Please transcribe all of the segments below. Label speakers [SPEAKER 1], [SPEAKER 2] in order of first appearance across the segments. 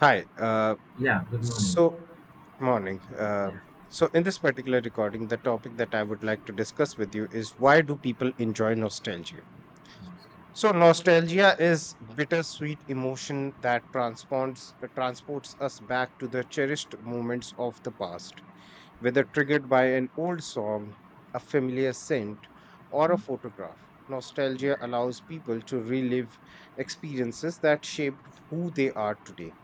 [SPEAKER 1] Hi.
[SPEAKER 2] Yeah, good morning.
[SPEAKER 1] So, morning.
[SPEAKER 2] Yeah,
[SPEAKER 1] In this particular recording, the topic that I would like to discuss with you is why do people enjoy nostalgia?
[SPEAKER 2] almost done.
[SPEAKER 1] So, nostalgia is bittersweet emotion that transports us back to the cherished moments of the past, whether
[SPEAKER 2] Yes.
[SPEAKER 1] triggered by an old song, a familiar scent, or a
[SPEAKER 2] Mhm.
[SPEAKER 1] photograph.
[SPEAKER 2] Yeah,
[SPEAKER 1] Nostalgia
[SPEAKER 2] yeah,
[SPEAKER 1] allows people to relive experiences that shaped who they are today.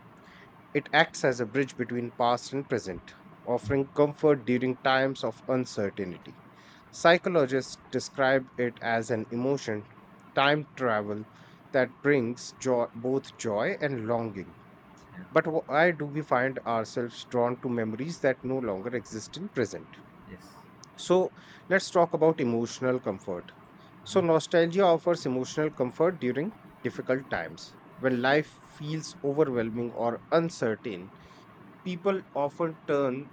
[SPEAKER 1] It acts as a bridge between past and present, offering comfort during times of uncertainty. Psychologists describe it as an emotion, time travel, that brings joy, both joy and longing.
[SPEAKER 2] yeah.
[SPEAKER 1] But why do we find ourselves drawn to memories that no longer exist in present?
[SPEAKER 2] Yes.
[SPEAKER 1] So let's talk about emotional comfort. So,
[SPEAKER 2] Uh-huh.
[SPEAKER 1] nostalgia offers emotional comfort during difficult times. When life feels overwhelming or uncertain, people often turn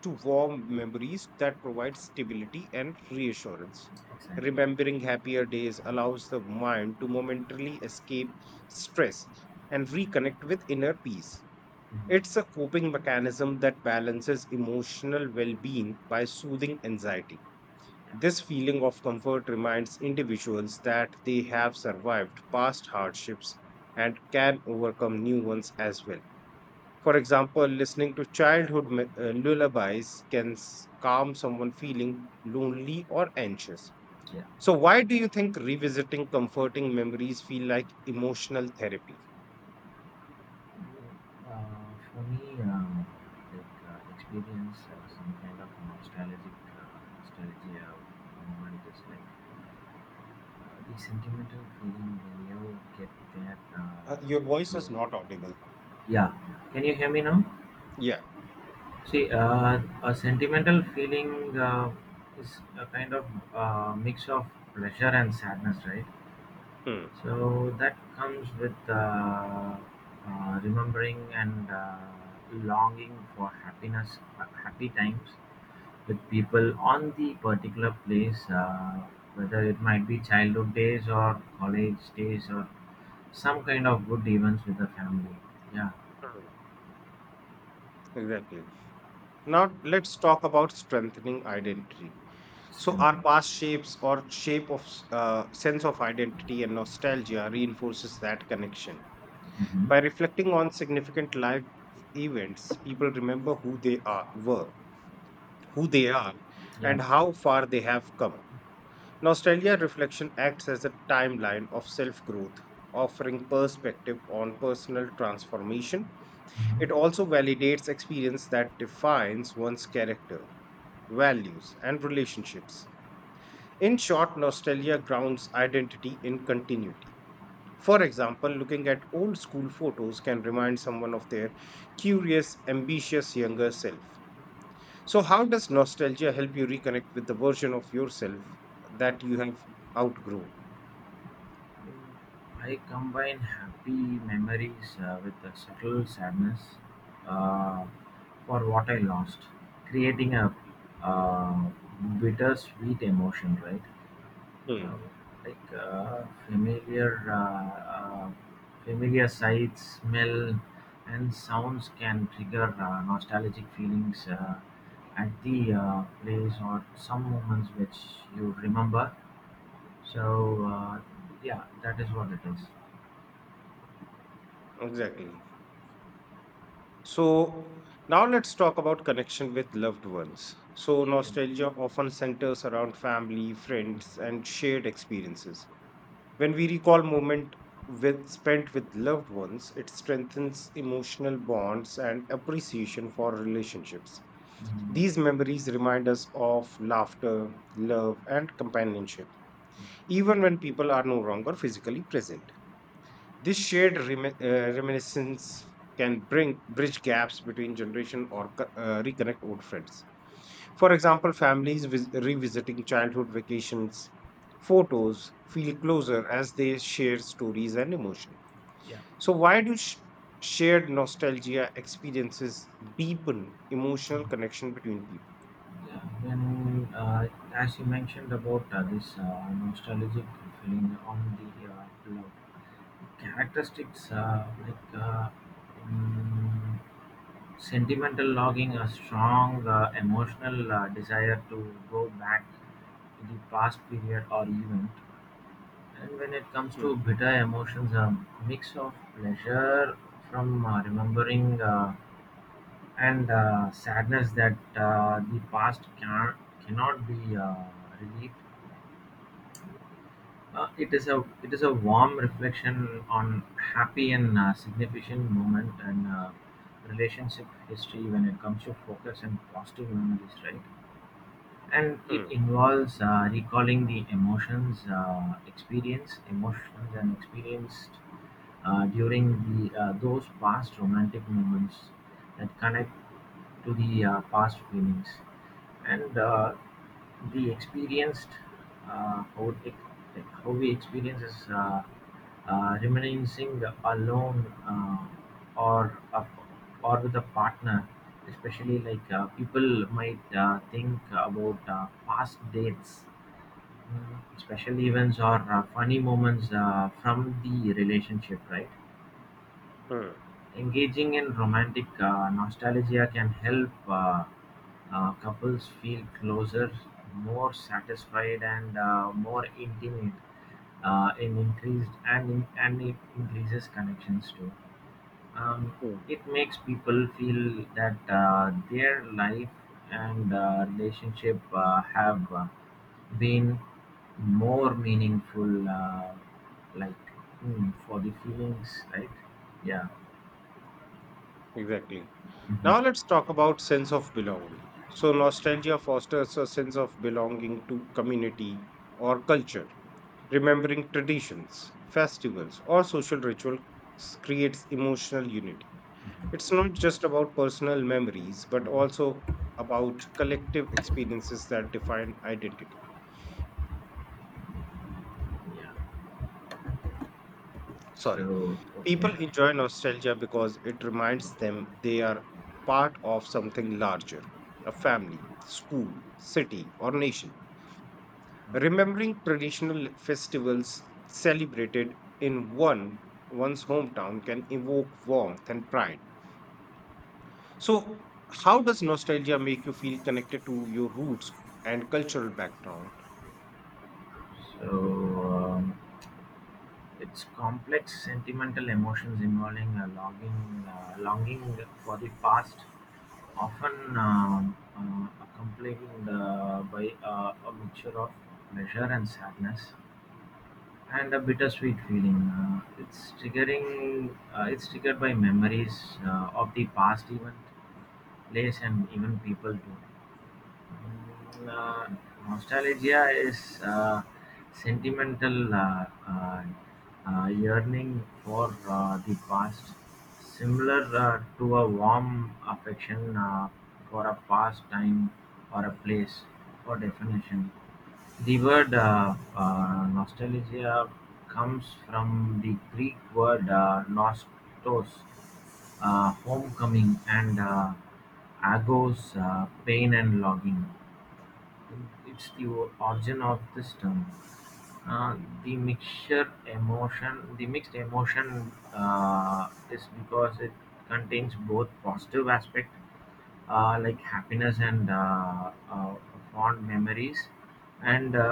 [SPEAKER 1] to warm memories that provide stability and reassurance.
[SPEAKER 2] Exactly.
[SPEAKER 1] Remembering happier days allows the mind to momentarily escape stress and reconnect with inner peace.
[SPEAKER 2] Mm.
[SPEAKER 1] It's a coping mechanism that balances emotional well being by soothing anxiety. This feeling of comfort reminds individuals that they have survived past hardships and can overcome new ones as well. For example, listening to lullabies can calm someone feeling lonely or anxious.
[SPEAKER 2] Yeah.
[SPEAKER 1] So, why do you think revisiting comforting memories feel like emotional therapy?
[SPEAKER 2] Mm, Uh, for me, like experience some kind of nostalgic nostalgia moment is like the sentimental feeling when you get that.
[SPEAKER 1] Your voice
[SPEAKER 2] To
[SPEAKER 1] is not audible.
[SPEAKER 2] Yeah. Can you hear me now?
[SPEAKER 1] Yeah.
[SPEAKER 2] See, a sentimental feeling is a kind of mix of pleasure and sadness, right?
[SPEAKER 1] Hmm.
[SPEAKER 2] So that comes with remembering and longing for happy times with people on the particular place, whether it might be childhood days or college days or some kind of good events with the family. Yeah,
[SPEAKER 1] Hmm. Exactly. Now let's talk about strengthening identity.
[SPEAKER 2] it's
[SPEAKER 1] So our
[SPEAKER 2] tempting.
[SPEAKER 1] past shapes or sense of identity and nostalgia reinforces that connection. By
[SPEAKER 2] Hmm.
[SPEAKER 1] reflecting on significant life events, people remember who they are,
[SPEAKER 2] Yeah,
[SPEAKER 1] and how
[SPEAKER 2] okay.
[SPEAKER 1] far they have come. Nostalgia reflection acts as a timeline of self growth, offering perspective on personal transformation. It
[SPEAKER 2] Mhm.
[SPEAKER 1] also validates experience that defines one's character, values, and relationships. In short, nostalgia grounds identity in continuity. For example, looking at old school photos can remind someone of their curious, ambitious younger self. So, how does nostalgia help you reconnect with the version of yourself that you have outgrown?
[SPEAKER 2] I combine happy memories with a subtle sadness uh, for what I lost, creating a uh, bittersweet emotion, right?
[SPEAKER 1] Hmm,
[SPEAKER 2] Uh, like familiar sights, smell, and sounds can trigger nostalgic feelings at the place or some moments which you remember. So yeah, that is what it is.
[SPEAKER 1] exactly. So, now let's talk about connection with loved ones. So, nostalgia often centers around family, friends, and shared experiences. When we recall moment with spent with loved ones, it strengthens emotional bonds and appreciation for relationships.
[SPEAKER 2] Mm,
[SPEAKER 1] These memories remind us of laughter, love, and companionship, even when people are no longer physically present. This reminiscence can bring bridge gaps between generation or reconnect old friends. For example, families revisiting childhood vacations, photos feel closer as they share stories and emotion.
[SPEAKER 2] yeah.
[SPEAKER 1] So, why do shared nostalgia experiences deepen emotional connection between people?
[SPEAKER 2] Yeah. Then, as you mentioned about this nostalgic feeling on the love characteristics, like mm, sentimental logging, a strong emotional desire to go back to the past period or event. And when it comes to
[SPEAKER 1] Mm,
[SPEAKER 2] bitter emotions, a mix of pleasure from remembering. And sadness that the past cannot be relieved. It is a warm reflection on happy and significant moment and relationship history when it comes to focus and positive memories, right? And it
[SPEAKER 1] mm,
[SPEAKER 2] involves recalling the emotions and experienced during the those past romantic moments that connect to the past feelings. And the experienced how, it, like how we experience is reminiscing alone or with a partner, especially like people might think about past dates, mm, special events or funny moments from the relationship, right?
[SPEAKER 1] mm,
[SPEAKER 2] Engaging in romantic nostalgia can help couples feel closer, more satisfied, and more intimate, in increased and in, and it increases connections too. Um,
[SPEAKER 1] mm.
[SPEAKER 2] it makes people feel that their life and relationship have been more meaningful, like mm, for the feelings, right? Yeah.
[SPEAKER 1] Exactly.
[SPEAKER 2] Mhm.
[SPEAKER 1] Now let's talk about sense of belonging. So nostalgia fosters a sense of belonging to community or culture. Remembering traditions, festivals, or social rituals creates emotional unity. It's not just about personal memories, but also about collective experiences that define identity. Sorry.
[SPEAKER 2] So, okay.
[SPEAKER 1] People enjoy nostalgia because it reminds them they are part of something larger, a family, school, city, or nation. Remembering traditional festivals celebrated in one's hometown can evoke warmth and pride. So how does nostalgia make you feel connected to your roots and cultural background?
[SPEAKER 2] So, um, it's complex sentimental emotions involving a longing for the past, often accompanied by a mixture of pleasure and sadness and a bittersweet feeling. It's triggering. It's triggered by memories of the past event, place, and even people too. Mm, uh, Nostalgia is sentimental yearning for the past, similar to a warm affection for a past time or a place. For definition. The word "nostalgia" comes from the Greek word "nostos," homecoming, and "agos," pain and longing. It's the origin of this term. Uh, the mixture the mixed emotion uh, is because it contains both positive aspect, like happiness and fond memories and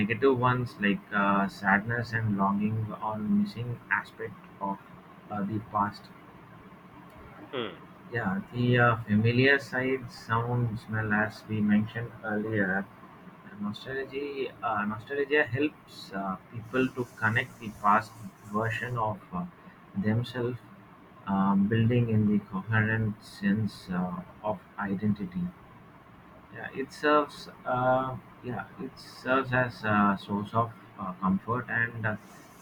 [SPEAKER 2] negative ones like sadness and longing or missing aspect of the past.
[SPEAKER 1] Mm.
[SPEAKER 2] Yeah, the familiar side, sound, smell, as we mentioned earlier. Nostalgia helps people to connect the past version of themselves, building in the coherent sense of identity. Yeah, it serves. Uh, yeah, it serves as a source of comfort and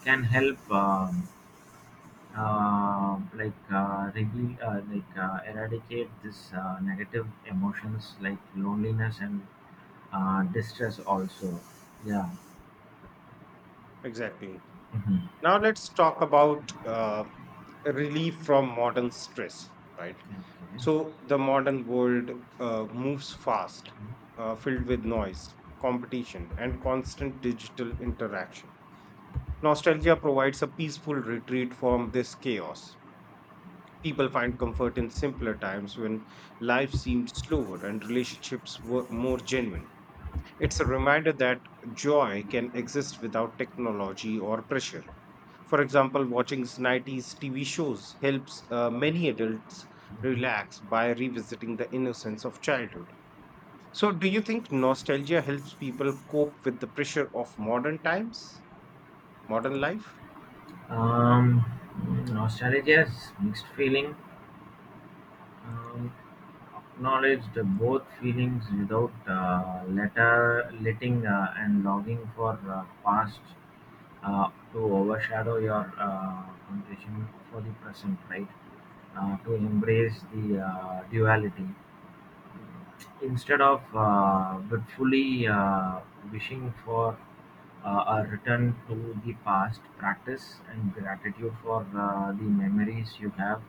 [SPEAKER 2] can help like like eradicate this negative emotions like loneliness and distress also. Yeah.
[SPEAKER 1] Exactly.
[SPEAKER 2] Mhm.
[SPEAKER 1] Now let's talk about relief from modern stress, right?
[SPEAKER 2] Okay.
[SPEAKER 1] So the modern world moves fast, filled with noise, competition, and constant digital interaction. Nostalgia provides a peaceful retreat from this chaos. People find comfort in simpler times when life seemed slower and relationships were more genuine. It's a reminder that joy can exist without technology or pressure. For example, watching 90s TV shows helps many adults
[SPEAKER 2] Okay.
[SPEAKER 1] relax by revisiting the innocence of childhood. So, do you think nostalgia helps people cope with the pressure of modern times, modern life?
[SPEAKER 2] Um, mm, nostalgia is mixed feeling. Um, acknowledged both feelings without letter letting and longing for past to overshadow your condition for the present, right? To embrace the duality. Instead of fitfully wishing for a return to the past, practice and gratitude for the memories you have.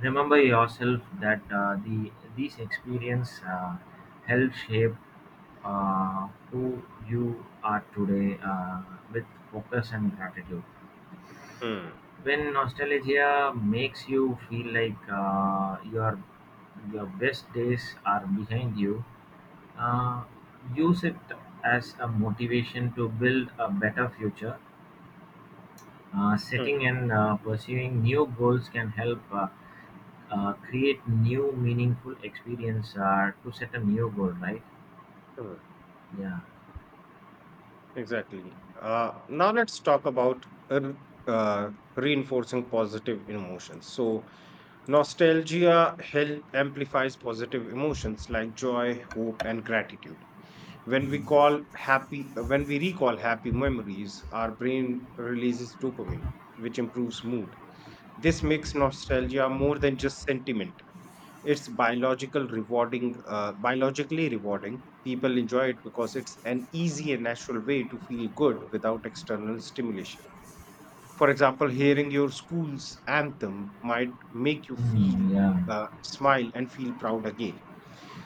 [SPEAKER 2] Remember
[SPEAKER 1] Hmm,
[SPEAKER 2] yourself that these experience help shape who you are today, with focus and gratitude.
[SPEAKER 1] hmm,
[SPEAKER 2] When nostalgia makes you feel like your best days are behind you, uh, use it as a motivation to build a better future. Setting
[SPEAKER 1] hmm,
[SPEAKER 2] and pursuing new goals can help create new meaningful experience to set a new goal, right?
[SPEAKER 1] hmm.
[SPEAKER 2] Yeah.
[SPEAKER 1] Exactly. Now let's talk about uh, reinforcing positive emotions. So, nostalgia help amplifies positive emotions like joy, hope, and gratitude. When we recall happy memories, our brain releases dopamine, which improves mood. This makes nostalgia more than just sentiment. Biologically rewarding. People enjoy it because it's an easy and natural way to feel good without external stimulation. For example, hearing your school's anthem might make you feel,
[SPEAKER 2] Mm, yeah.
[SPEAKER 1] smile, and feel proud again.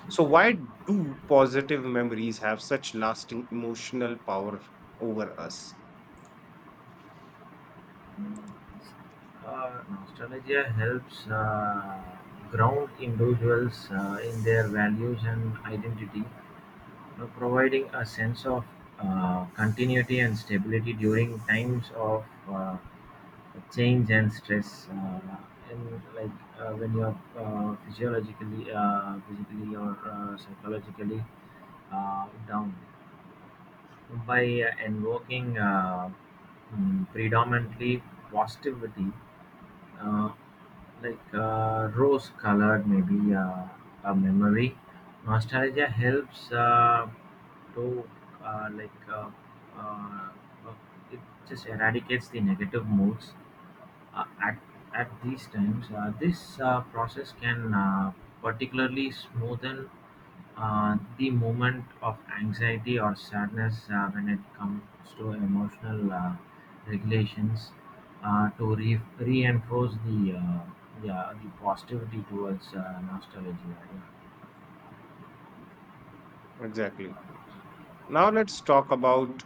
[SPEAKER 1] So, why do positive memories have such lasting emotional power over us?
[SPEAKER 2] Nostalgia helps ground individuals in their values and identity, you know, providing a sense of continuity and stability during times of change and stress, and like when you're physiologically physically or psychologically down by invoking predominantly positivity, uh, like rose colored maybe a memory. Nostalgia helps to like uh, it just eradicates the negative moods uh, at, at these times. This process can particularly smoothen the moment of anxiety or sadness when it comes to emotional regulations, reinforce yeah, the positivity towards nostalgia.
[SPEAKER 1] Exactly. Now, let's talk about,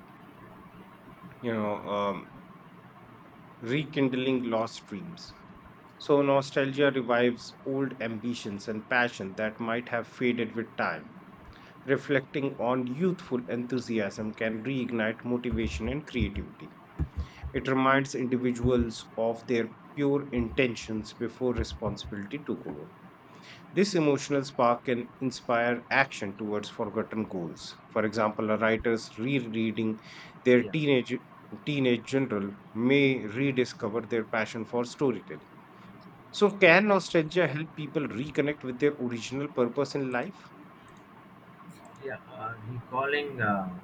[SPEAKER 1] you know, um, rekindling lost dreams. So, nostalgia revives old ambitions and passion that might have faded with time. Reflecting on youthful enthusiasm can reignite motivation and creativity. It reminds individuals of their pure intentions before responsibility took over. This emotional spark can inspire action towards forgotten goals. For example, a writer's rereading their
[SPEAKER 2] Yeah,
[SPEAKER 1] teenage general may rediscover their passion for storytelling. So can nostalgia help people reconnect with their original purpose in life?
[SPEAKER 2] yeah. Yeah. Recalling uh, like,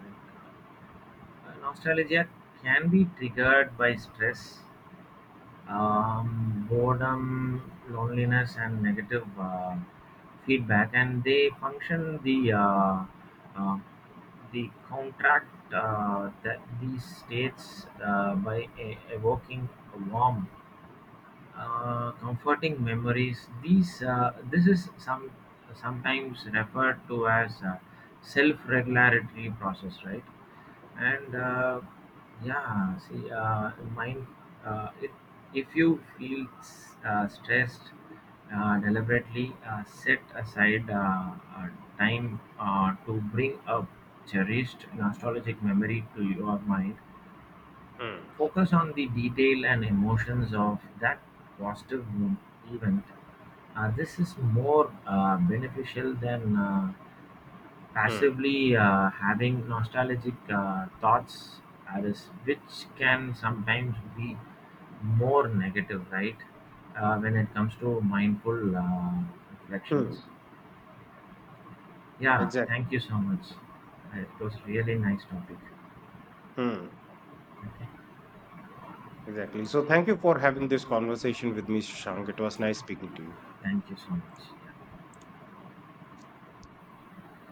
[SPEAKER 2] uh, nostalgia can be triggered by stress, boredom, loneliness, and negative feedback, and they function uh, the contract that these states by evoking warmth, comforting memories. These This is sometimes referred to as self-regulatory process, right? And yeah, see, mind. Uh, if if you feel stressed, deliberately set aside uh, time to bring a cherished nostalgic memory to your mind.
[SPEAKER 1] Hmm.
[SPEAKER 2] Focus on the detail and emotions of that positive mo- event. This is more beneficial than
[SPEAKER 1] Hmm.
[SPEAKER 2] passively having nostalgic thoughts, as which can sometimes be more negative, right? When it comes to mindful
[SPEAKER 1] Hmm.
[SPEAKER 2] reflections. Yeah, thank
[SPEAKER 1] Exactly.
[SPEAKER 2] you so much. It was really nice topic.
[SPEAKER 1] Hmm.
[SPEAKER 2] Okay,
[SPEAKER 1] Exactly. So thank you for having this conversation with me, Shang. It was nice speaking to you.
[SPEAKER 2] thank you so much.